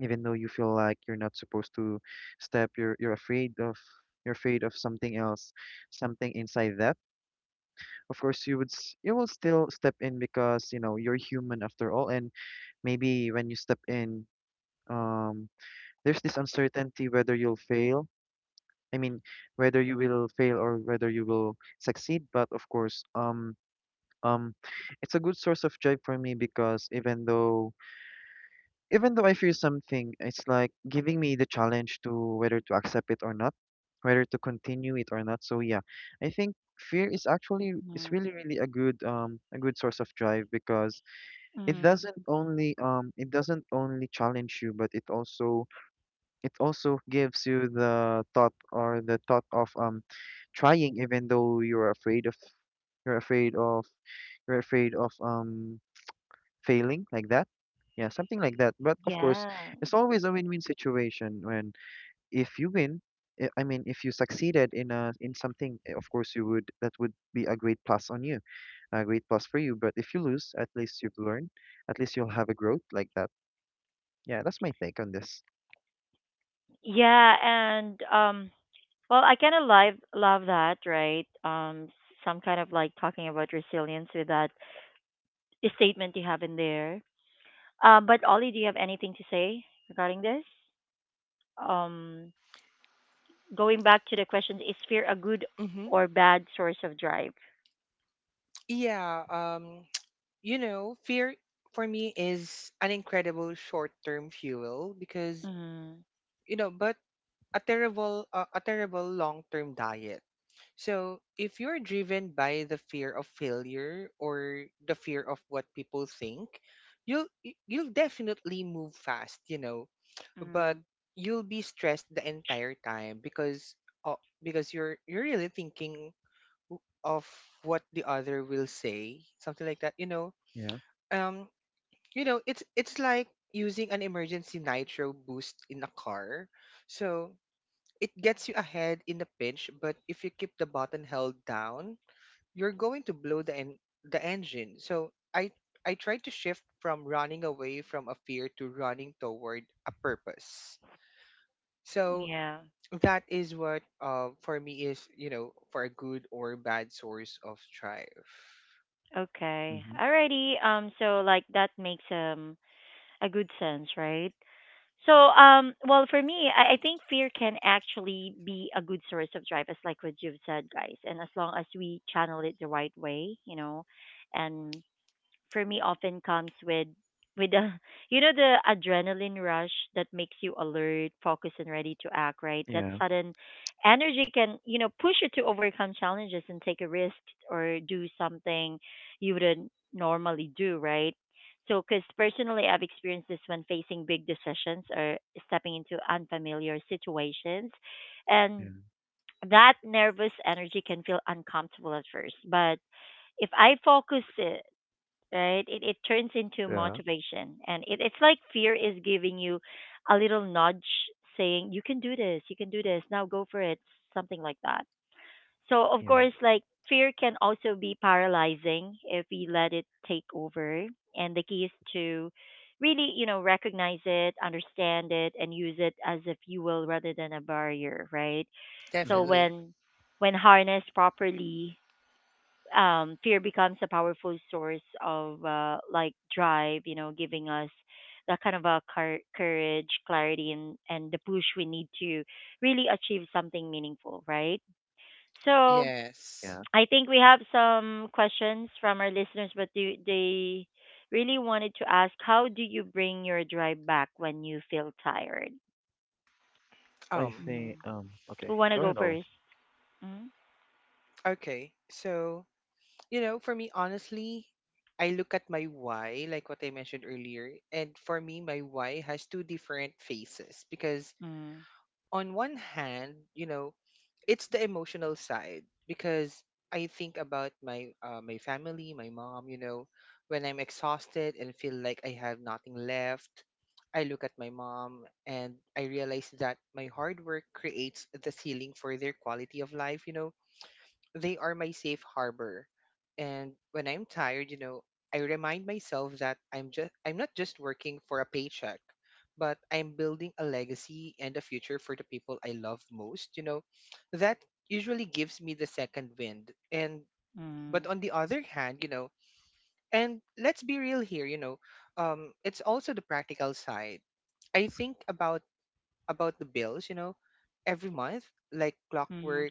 Speaker 2: even though you feel like you're not supposed to step you're afraid of, you're afraid of something else, something inside that. Of course you would you will still step in because you know you're human after all. And maybe when you step in, um there's this uncertainty whether you'll fail, I mean, whether you will fail or whether you will succeed. But of course, Um, it's a good source of joy for me because even though I fear something, it's like giving me the challenge to whether to accept it or not, whether to continue it or not. So yeah, I think fear is actually is
Speaker 1: Mm.
Speaker 2: really really a good, a good source of drive, because
Speaker 1: Mm.
Speaker 2: it doesn't only challenge you, but it also gives you the thought, or the thought of trying even though you're afraid of you're afraid of failing like that. Yeah, something like that. But of course,
Speaker 1: Yeah.
Speaker 2: it's always a win-win situation when if you win, eh, I mean, if you succeeded in a in something, eh, of course you would, that would be a great plus on you, a great plus for you. But if you lose, at least you've learned, at least you'll have a growth like that. Yeah, that's my take on this.
Speaker 1: Yeah. And well, I kind of love that, right? Some kind of, like, talking about resilience with that statement you have in there. But Ollie, do you have anything to say regarding this? Um, Going back to the question, is fear a good or bad source of drive? Mm, mm,
Speaker 2: Yeah.
Speaker 1: yeah. Okay.
Speaker 2: Mm-hmm.
Speaker 1: Alrighty. So, like, that makes, a good sense, right? So, well, for me, I think fear can actually be a good source of drive, as like what you've said, guys. And as long as we channel it the right way, and for me often comes with a the adrenaline rush that makes you alert, focused, and ready to act, right? That
Speaker 2: Yeah.
Speaker 1: sudden energy can, push you to overcome challenges and take a risk, or do something you wouldn't normally do, right? So, because personally, I've experienced this when facing big decisions or stepping into unfamiliar situations. And
Speaker 2: Yeah.
Speaker 1: that nervous energy can feel uncomfortable at first. But if I focus, right? It turns into
Speaker 2: Yeah,
Speaker 1: motivation, and it's like fear is giving you a little nudge, saying, you can do this, you can do this, now go for it, something like that. So, of
Speaker 2: yeah,
Speaker 1: course, like, fear can also be paralyzing if we let it take over, and the key is to really recognize it, understand it, and use it as a fuel rather than a barrier, right? So
Speaker 2: mm-hmm,
Speaker 1: when harnessed properly, fear becomes a powerful source of, like, drive, giving us that kind of a courage, clarity, and the push we need to really achieve something meaningful, right? So
Speaker 2: yeah.
Speaker 1: I think we have some questions from our listeners, but they really wanted to ask, how do you bring your drive back when you feel tired? Mm.
Speaker 2: Okay,
Speaker 1: Who want to
Speaker 2: go
Speaker 1: go
Speaker 2: ahead, Ollie.
Speaker 1: first? Mm-hmm. Mm-hmm. Mm-hmm.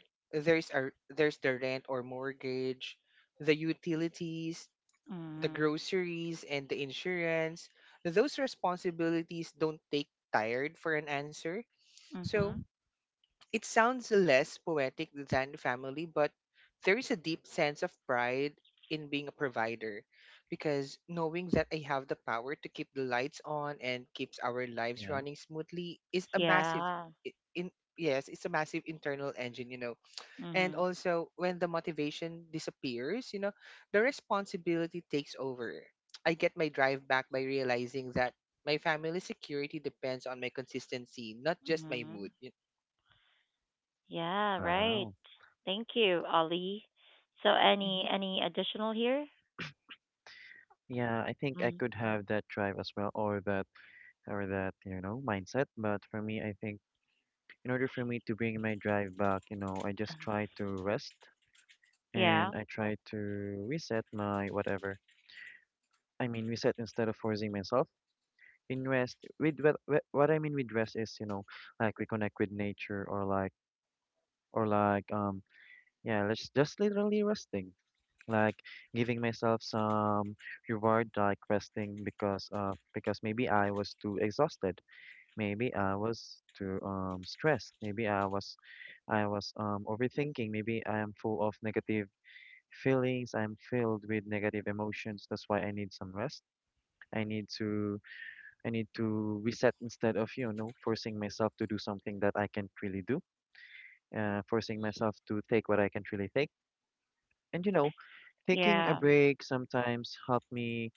Speaker 1: Mm-hmm.
Speaker 2: Yeah.
Speaker 1: Yeah. Mhm. Mhm. Yeah, right.
Speaker 2: Wow.
Speaker 1: Thank you, Ollie. So, any additional here?
Speaker 2: Yeah, I think I
Speaker 1: Mm.
Speaker 2: could have that drive as well, or that mindset. But for me, I think in order for me to bring my drive back, you know, I just try to rest
Speaker 1: Yeah.
Speaker 2: and I try to reset my whatever. I mean, reset instead of forcing myself in rest. With what I mean with rest is, you know, like reconnect with nature or like, yeah, let's just literally resting. Like giving myself some reward, like resting because maybe I was too exhausted. Maybe I was too stressed. Maybe I was overthinking. Maybe I am full of negative feelings. I'm filled with negative emotions. That's why I need some rest. I need to I need to reset instead of, you know, forcing myself to do something that I can't really do. Forcing myself to take what I can't really take. And you know, taking a
Speaker 1: Yeah.
Speaker 2: break sometimes help me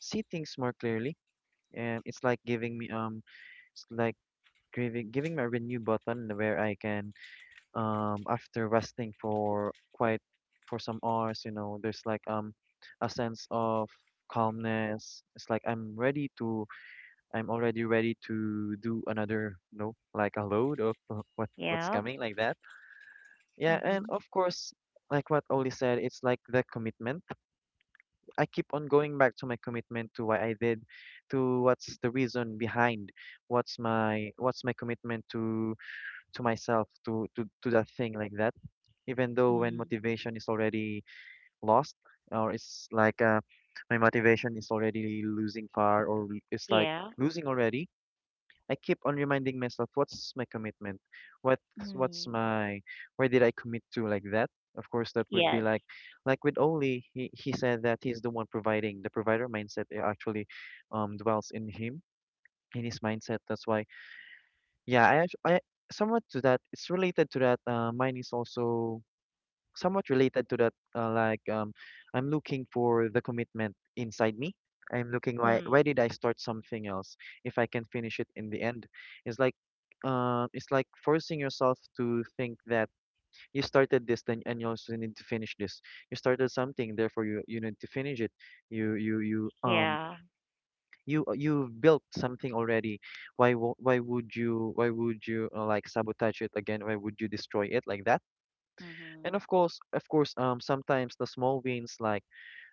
Speaker 2: see things more clearly. And it's like giving me a renew button where I can, after resting for quite for some hours, you know, there's like a sense of calmness. It's like I'm ready to, I'm already ready to do another, you know, like a load of what's
Speaker 1: Yeah.
Speaker 2: coming, like that. Yeah, and
Speaker 1: Mhm.
Speaker 2: of course, like what Oli said, it's like the commitment. I keep on going back to my commitment to why I did, to what's the reason behind, what's my commitment to myself, to that thing, like that, even though when
Speaker 1: Mm.
Speaker 2: motivation is already lost, or it's like my motivation is already losing far, or it's like
Speaker 1: Yeah.
Speaker 2: losing already. I keep on reminding myself what's my commitment, what's
Speaker 1: Mm.
Speaker 2: my, where did I commit to, like that. Of course, that would be
Speaker 1: Yes.
Speaker 2: like with Oli, he said that he's the one providing the provider mindset. Actually, um, dwells in him, in his mindset. That's why, yeah, I somewhat to that, it's related to that, mine is also somewhat related to that. I'm looking for the commitment inside me. I'm looking why
Speaker 1: Mm.
Speaker 2: did I start something else if I can finish it in the end? It's like it's like forcing yourself to think that you started this then and you also need to finish this. You started something, therefore you need to finish it. You you you um
Speaker 1: Yeah.
Speaker 2: you built something already. Why wo- why would you like sabotage it again? Why would you destroy it like that? And
Speaker 1: Mhm.
Speaker 2: of course, sometimes the small wins, like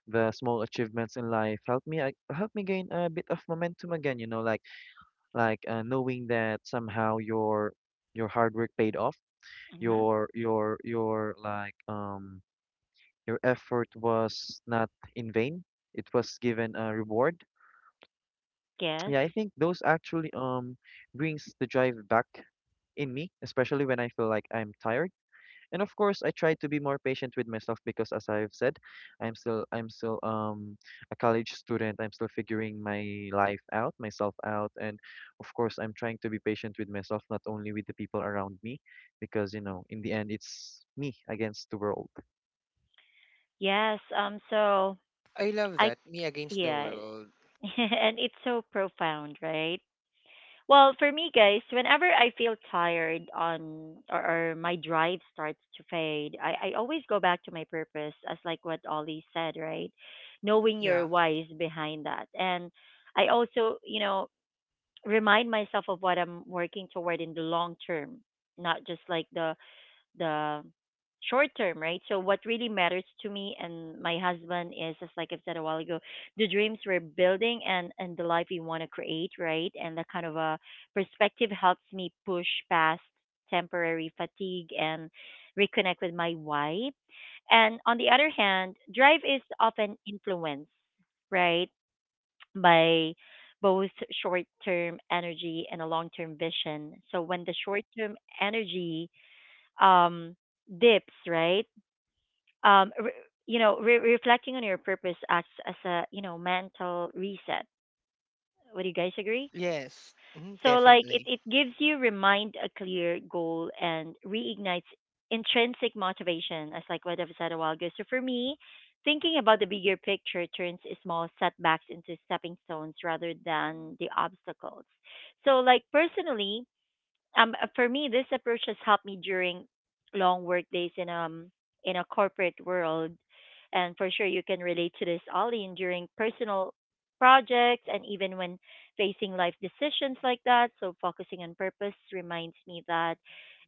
Speaker 2: the small achievements in life, help me, help me gain a bit of momentum again. You know, like like knowing that somehow your hard work paid off,
Speaker 1: Mhm.
Speaker 2: your your effort was not in vain. It was given a reward.
Speaker 1: Yes.
Speaker 2: Yeah, I think those actually brings the drive back in me, especially when I feel like I'm tired. And of course, I try to be more patient with myself because as I've said, I'm still a college student. I'm still figuring my life out, myself out, and of course, I'm trying to be patient with myself, not only with the people around me, because you know, in the end, it's me against the world.
Speaker 1: Yes. So, I yeah, and it's so profound, right? Well, for me, guys, whenever I feel tired on, or my drive starts to fade, I always go back to my purpose, as like what Ollie said, right? Knowing your why is behind that, and I also, remind myself of what I'm working toward in the long term, not just like the short term, right? So what really matters to me and my husband is just like I've said a while ago, the dreams we're building and the life we want to create, right? And that kind of a perspective helps me push past temporary fatigue and reconnect with my why. And on the other hand, drive is often influenced, right, by both short term energy and a long term vision. So when the short term energy, um, dips, right? Um, re- Reflecting on your purpose acts as a, mental reset. Would you guys agree? So, like, it gives you remind a clear goal and reignites intrinsic motivation, as like what I've said a while ago. So for me, thinking about the bigger picture turns small setbacks into stepping stones rather than the obstacles. So like personally, for me this approach has helped me during long work days in in a corporate world and for sure you can relate to this ollie and during personal projects and even when facing life decisions like that. So focusing on purpose reminds me that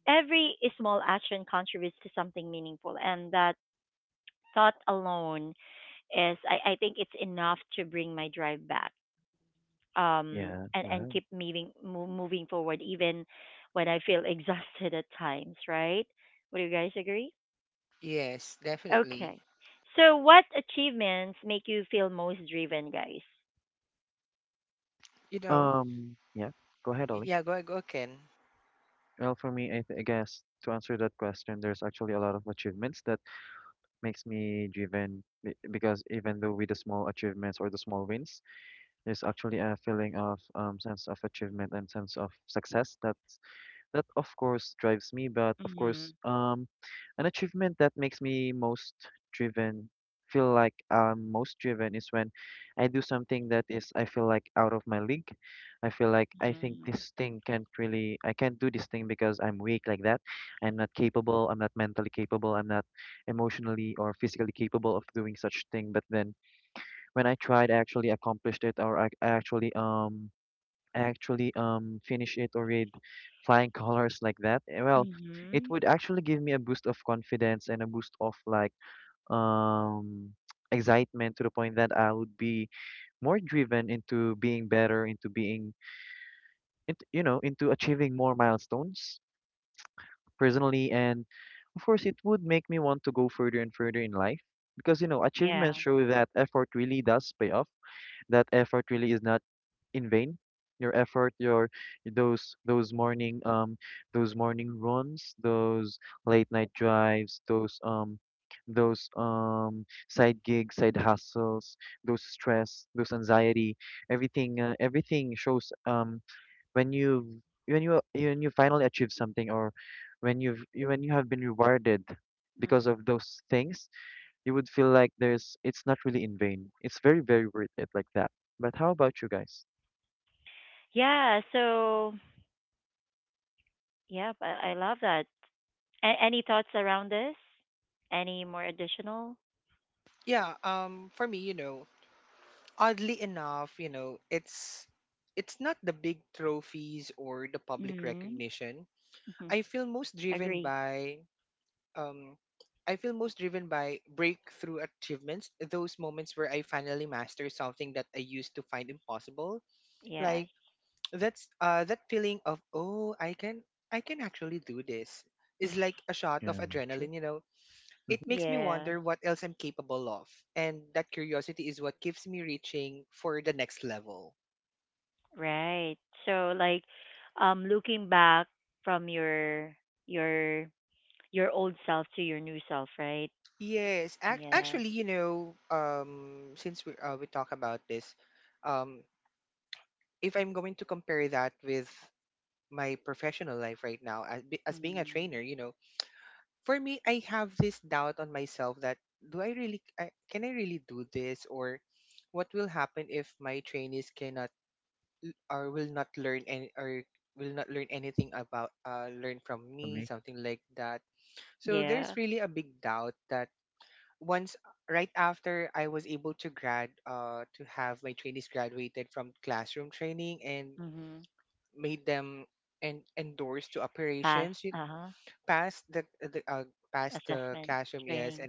Speaker 1: every small action contributes to something meaningful, and that thought alone is I think it's enough to bring my drive back
Speaker 2: Yeah.
Speaker 1: and
Speaker 2: Well.
Speaker 1: keep moving moving forward even when I feel exhausted at times, right? Would you guys agree? Okay, so what achievements make you feel most driven, guys?
Speaker 2: Yeah, go ahead, Ollie. Well, for me, I guess to answer that question, there's actually a lot of achievements that makes me driven because even though with the small achievements or the small wins, there's actually a feeling of sense of achievement and sense of success that that of course drives me, but of
Speaker 1: Mhm.
Speaker 2: course, an achievement that makes me most driven, feel like I'm most driven, is when I do something that is, I feel like out of my league. I feel like I think
Speaker 1: Mhm.
Speaker 2: this thing can't really, I can't do this thing because I'm weak like that. I'm not capable, I'm not mentally capable, I'm not emotionally or physically capable of doing such thing, but then when I tried, I actually accomplished it, or I actually finish it or read flying colors like that. Eh, well, it
Speaker 1: Mhm.
Speaker 2: would actually give me a boost of confidence and a boost of like um excitement to the point that I would be more driven into being better, into being, into, you know, into achieving more milestones personally, and of course, it would make me want to go further and further in life. Because you know, achievements
Speaker 1: Yeah.
Speaker 2: show that effort really does pay off. That effort really is not in vain. Your effort, your those those morning um those morning runs, those late night drives, those side gigs, side hustles, those stress, those anxiety, everything, everything shows when you when you finally achieve something or when you have been rewarded because of those things, you would feel like there's it's not really in vain. It's very, very worth it like that. But how about you guys?
Speaker 1: Yeah, so yeah I love that. Any thoughts around this? Any more additional? Mhm. Mhm. Agree. Yes.
Speaker 2: Yeah, true. Mhm.
Speaker 1: Yeah. Right. So like looking back from your your old self to your new self, right? Yeah. Mm.
Speaker 2: For me,
Speaker 1: Yeah. Mhm. Pass. Uh-huh. Assessment, training.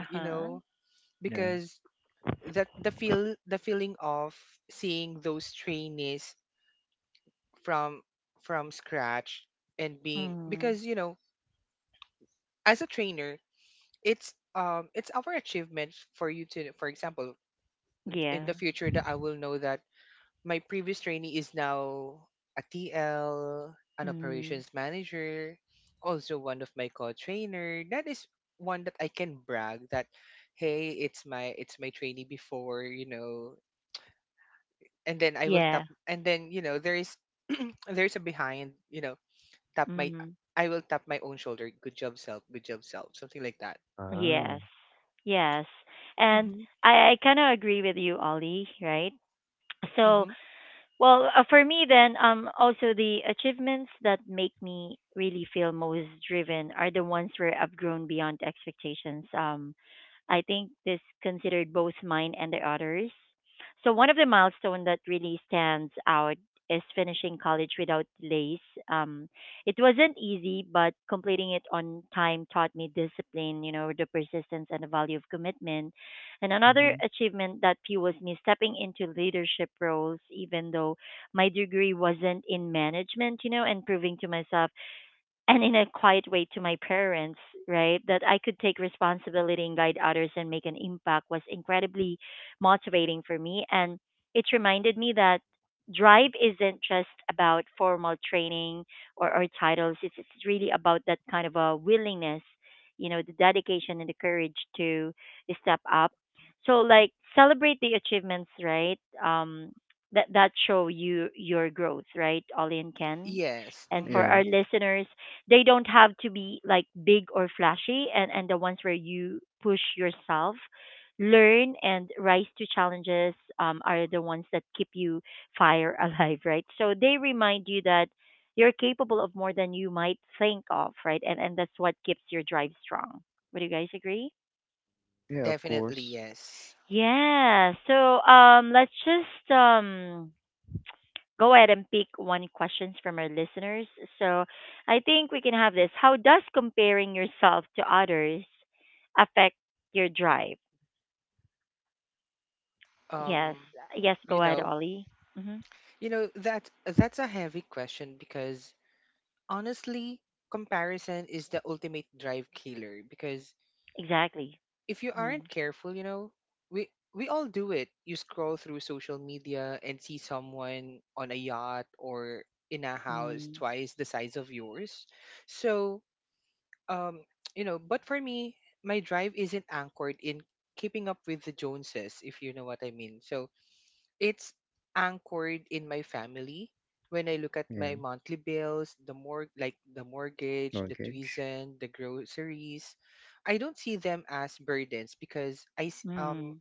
Speaker 1: Uh-huh.
Speaker 2: yeah.
Speaker 1: Mhm. Yeah. Mhm. Yeah. Mhm.
Speaker 2: Wow.
Speaker 1: Yes. Yes. And I kind of agree with you, Ollie, right? So well, for me then, also the achievements that make me really feel most driven are the ones where I've grown beyond expectations. I think this considered both mine and the others. So one of the milestones that really stands out is finishing college without delays. Um, it wasn't easy, but completing it on time taught me discipline, you know, the persistence and the value of commitment, and
Speaker 2: Hmm.
Speaker 1: another achievement that fuels me stepping into leadership roles, even though my degree wasn't in management, you know, and proving to myself and in a quiet way to my parents, right? That I could take responsibility and guide others and make an impact was incredibly motivating for me. And it reminded me that drive isn't just about formal training or titles. It's really about that kind of a willingness, you know, the dedication and the courage to step up. So, like, celebrate the achievements, right? That, that show you your growth, right, Ollie and Ken? And for
Speaker 2: Yeah,
Speaker 1: our listeners, they don't have to be like big or flashy, and the ones where you push yourself, learn and rise to challenges are the ones that keep you fire alive, right? So they remind you that you're capable of more than you might think of, right? And that's what keeps your drive strong. Would you guys agree?
Speaker 2: yeah, of course.
Speaker 1: Yeah, so let's just go ahead and pick one questions from our listeners. So I think we can have this. How does comparing yourself to others affect your drive? Yes. Yes, go ahead, Ollie. Hmm. Exactly. Mm. Mm.
Speaker 2: Yeah, mortgage.
Speaker 1: Mm.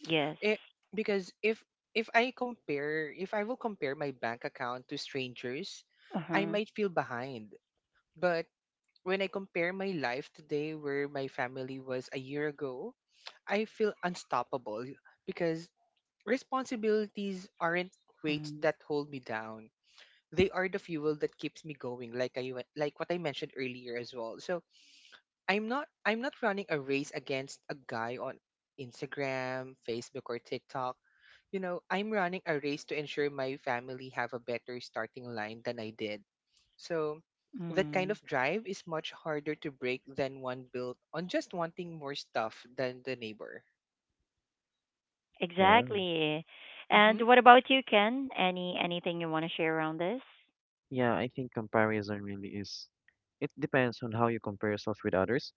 Speaker 1: Yes. Uh-huh. Mm. Mm.
Speaker 2: Wow.
Speaker 1: Exactly. And what about you, Ken? Any anything you want to share around this?
Speaker 2: Yeah, I think comparison really is. It depends on how you compare yourself with others.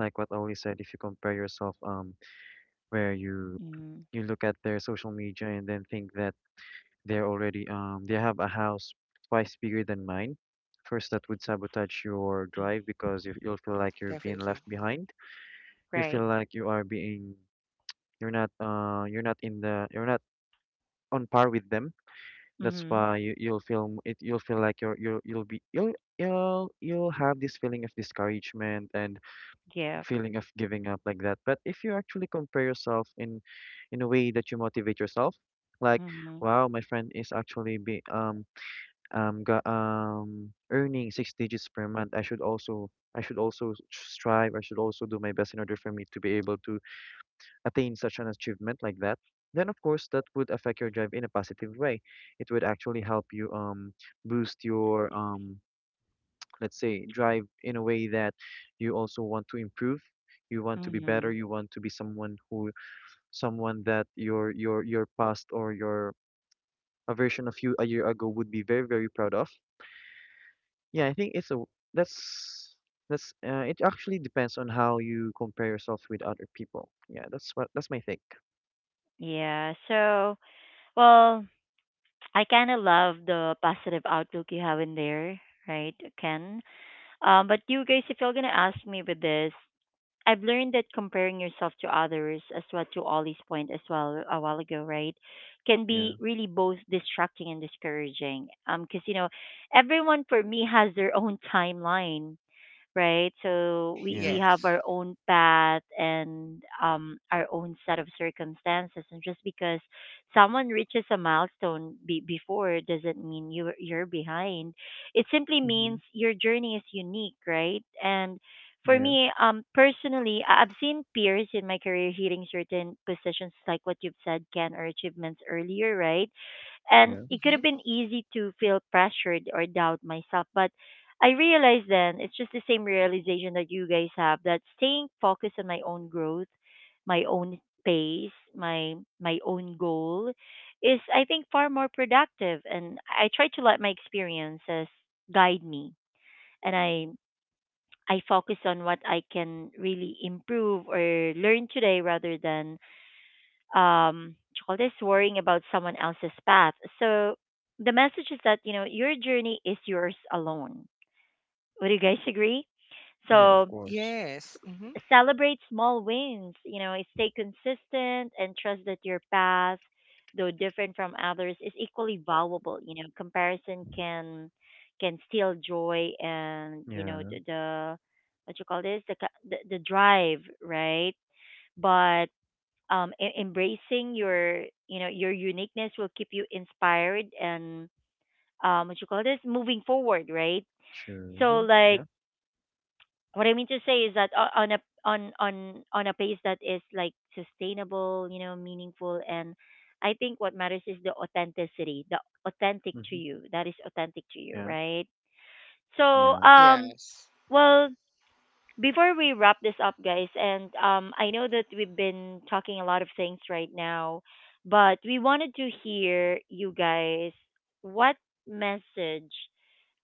Speaker 2: Like what Oli said, if you compare yourself, where you
Speaker 1: Mm.
Speaker 2: you look at their social media and then think that they're already they have a house twice bigger than mine. First, that would sabotage your drive because you'll feel like you're being left behind. You
Speaker 1: Right.
Speaker 2: feel like you are being, you're not, you're not in the, you're not on par with them. That's
Speaker 1: Mm-hmm.
Speaker 2: why, you'll feel m- it you'll feel like you're you'll be you'll have this feeling of discouragement and
Speaker 1: Yeah.
Speaker 2: feeling of giving up, like that. But if you actually compare yourself in a way that you motivate yourself, like
Speaker 1: Mm-hmm.
Speaker 2: wow, my friend is actually be got, um, earning six digits per month, I should also, I should also strive, I should also do my best in order for me to be able to attain such an achievement, like that, then of course that would affect your drive in a positive way. It would actually help you boost your, let's say, drive in a way that you also want to improve. You want to be
Speaker 1: Mm-hmm.
Speaker 2: better. You want to be someone who, someone that your your past, or your a version of you a year ago would be very, very proud of. Yeah, I think it's a, that's, that's, it actually depends on how you compare yourself with other people. Yeah, that's what, that's my take.
Speaker 1: Yeah. So, well, I kind of love the positive outlook you have in there, right, Ken? But you guys, if you're gonna ask me with this, I've learned that comparing yourself to others, as what to Ollie's point as well a while ago, right, can be
Speaker 2: Yeah,
Speaker 1: really both distracting and discouraging. Because you know, everyone for me has their own timeline, right? So we
Speaker 2: yeah.
Speaker 1: we have our own path and our own set of circumstances, and just because someone reaches a milestone before doesn't mean you are you're behind. It simply means
Speaker 2: Mhm.
Speaker 1: your journey is unique, right? And for
Speaker 2: Yeah,
Speaker 1: me, personally, I've seen peers in my career hitting certain positions, like what you've said, Ken, or achievements earlier, right? And
Speaker 2: yeah,
Speaker 1: it could have been easy to feel pressured or doubt myself. But I realized then it's just the same realization that you guys have that staying focused on my own growth, my own pace, my own goal is I think far more productive, and I try to let my experiences guide me, and I focus on what I can really improve or learn today rather than um all this worrying about someone else's path. So the message is that, you know, your journey is yours alone. Would you guys agree?
Speaker 2: yeah, of
Speaker 1: So
Speaker 2: course.
Speaker 1: celebrate small wins, you know, stay consistent and trust that your path, though different from others, is equally valuable. You know, comparison can steal joy and, you know,
Speaker 2: Yeah,
Speaker 1: the what you call this, the the drive, right? But embracing your you know your uniqueness will keep you inspired and what you call this moving forward, right?
Speaker 2: sure.
Speaker 1: So
Speaker 2: Mhm, yeah,
Speaker 1: like what I mean to say is that on a on a pace that is like sustainable, you know, meaningful, and I think what matters is the authenticity, the authentic to
Speaker 2: hmm,
Speaker 1: you, that is authentic to you,
Speaker 2: yeah,
Speaker 1: right? So
Speaker 2: yeah.
Speaker 1: well, before we wrap this up, guys, and I know that we've been talking a lot of things right now, but we wanted to hear you guys, what message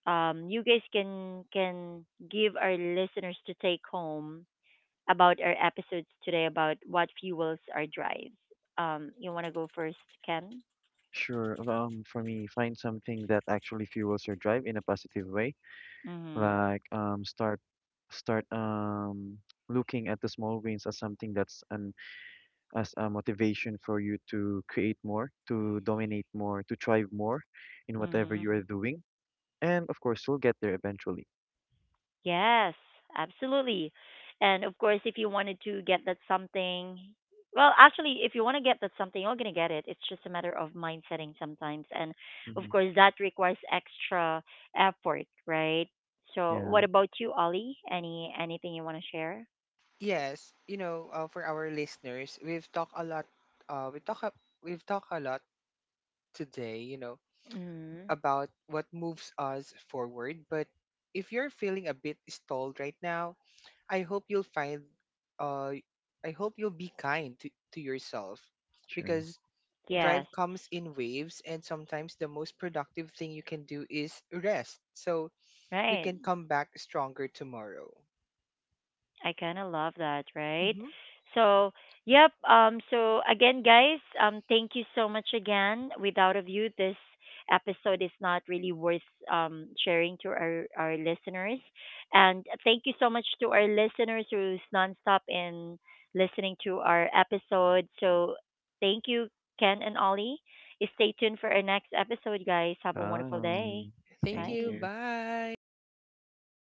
Speaker 1: you guys can give our listeners to take home about our episodes today about what fuels our drives. You want to go first, Ken?
Speaker 2: Sure. For me, find something that actually fuels your drive in a positive way.
Speaker 1: Mm-hmm.
Speaker 2: Like, start, looking at the small wins as something that's an, as a motivation for you to create more, to dominate more, to thrive more in whatever you
Speaker 1: Mm-hmm.
Speaker 2: are doing. And of course, you'll get there eventually.
Speaker 1: Yes, absolutely. And of course, if you wanted to get that something, well, actually, if you want to get that something, you're going to get it. It's just a matter of mind setting sometimes. And of
Speaker 2: Mm-hmm.
Speaker 1: course, that requires extra effort, right? So,
Speaker 2: Yeah,
Speaker 1: what about you, Ollie? Any anything you want to share? Mm-hmm.
Speaker 2: sure.
Speaker 1: Yes, right. I kind of love that, right? So, yep. So again, guys, thank you so much again. Without of you, this episode is not really worth sharing to our listeners. And thank you so much to our listeners who's nonstop in listening to our episode. So, thank you, Ken and Ollie. Stay tuned for our next episode, guys. Have a wonderful day.
Speaker 2: Bye. Thank
Speaker 1: Bye.
Speaker 2: you.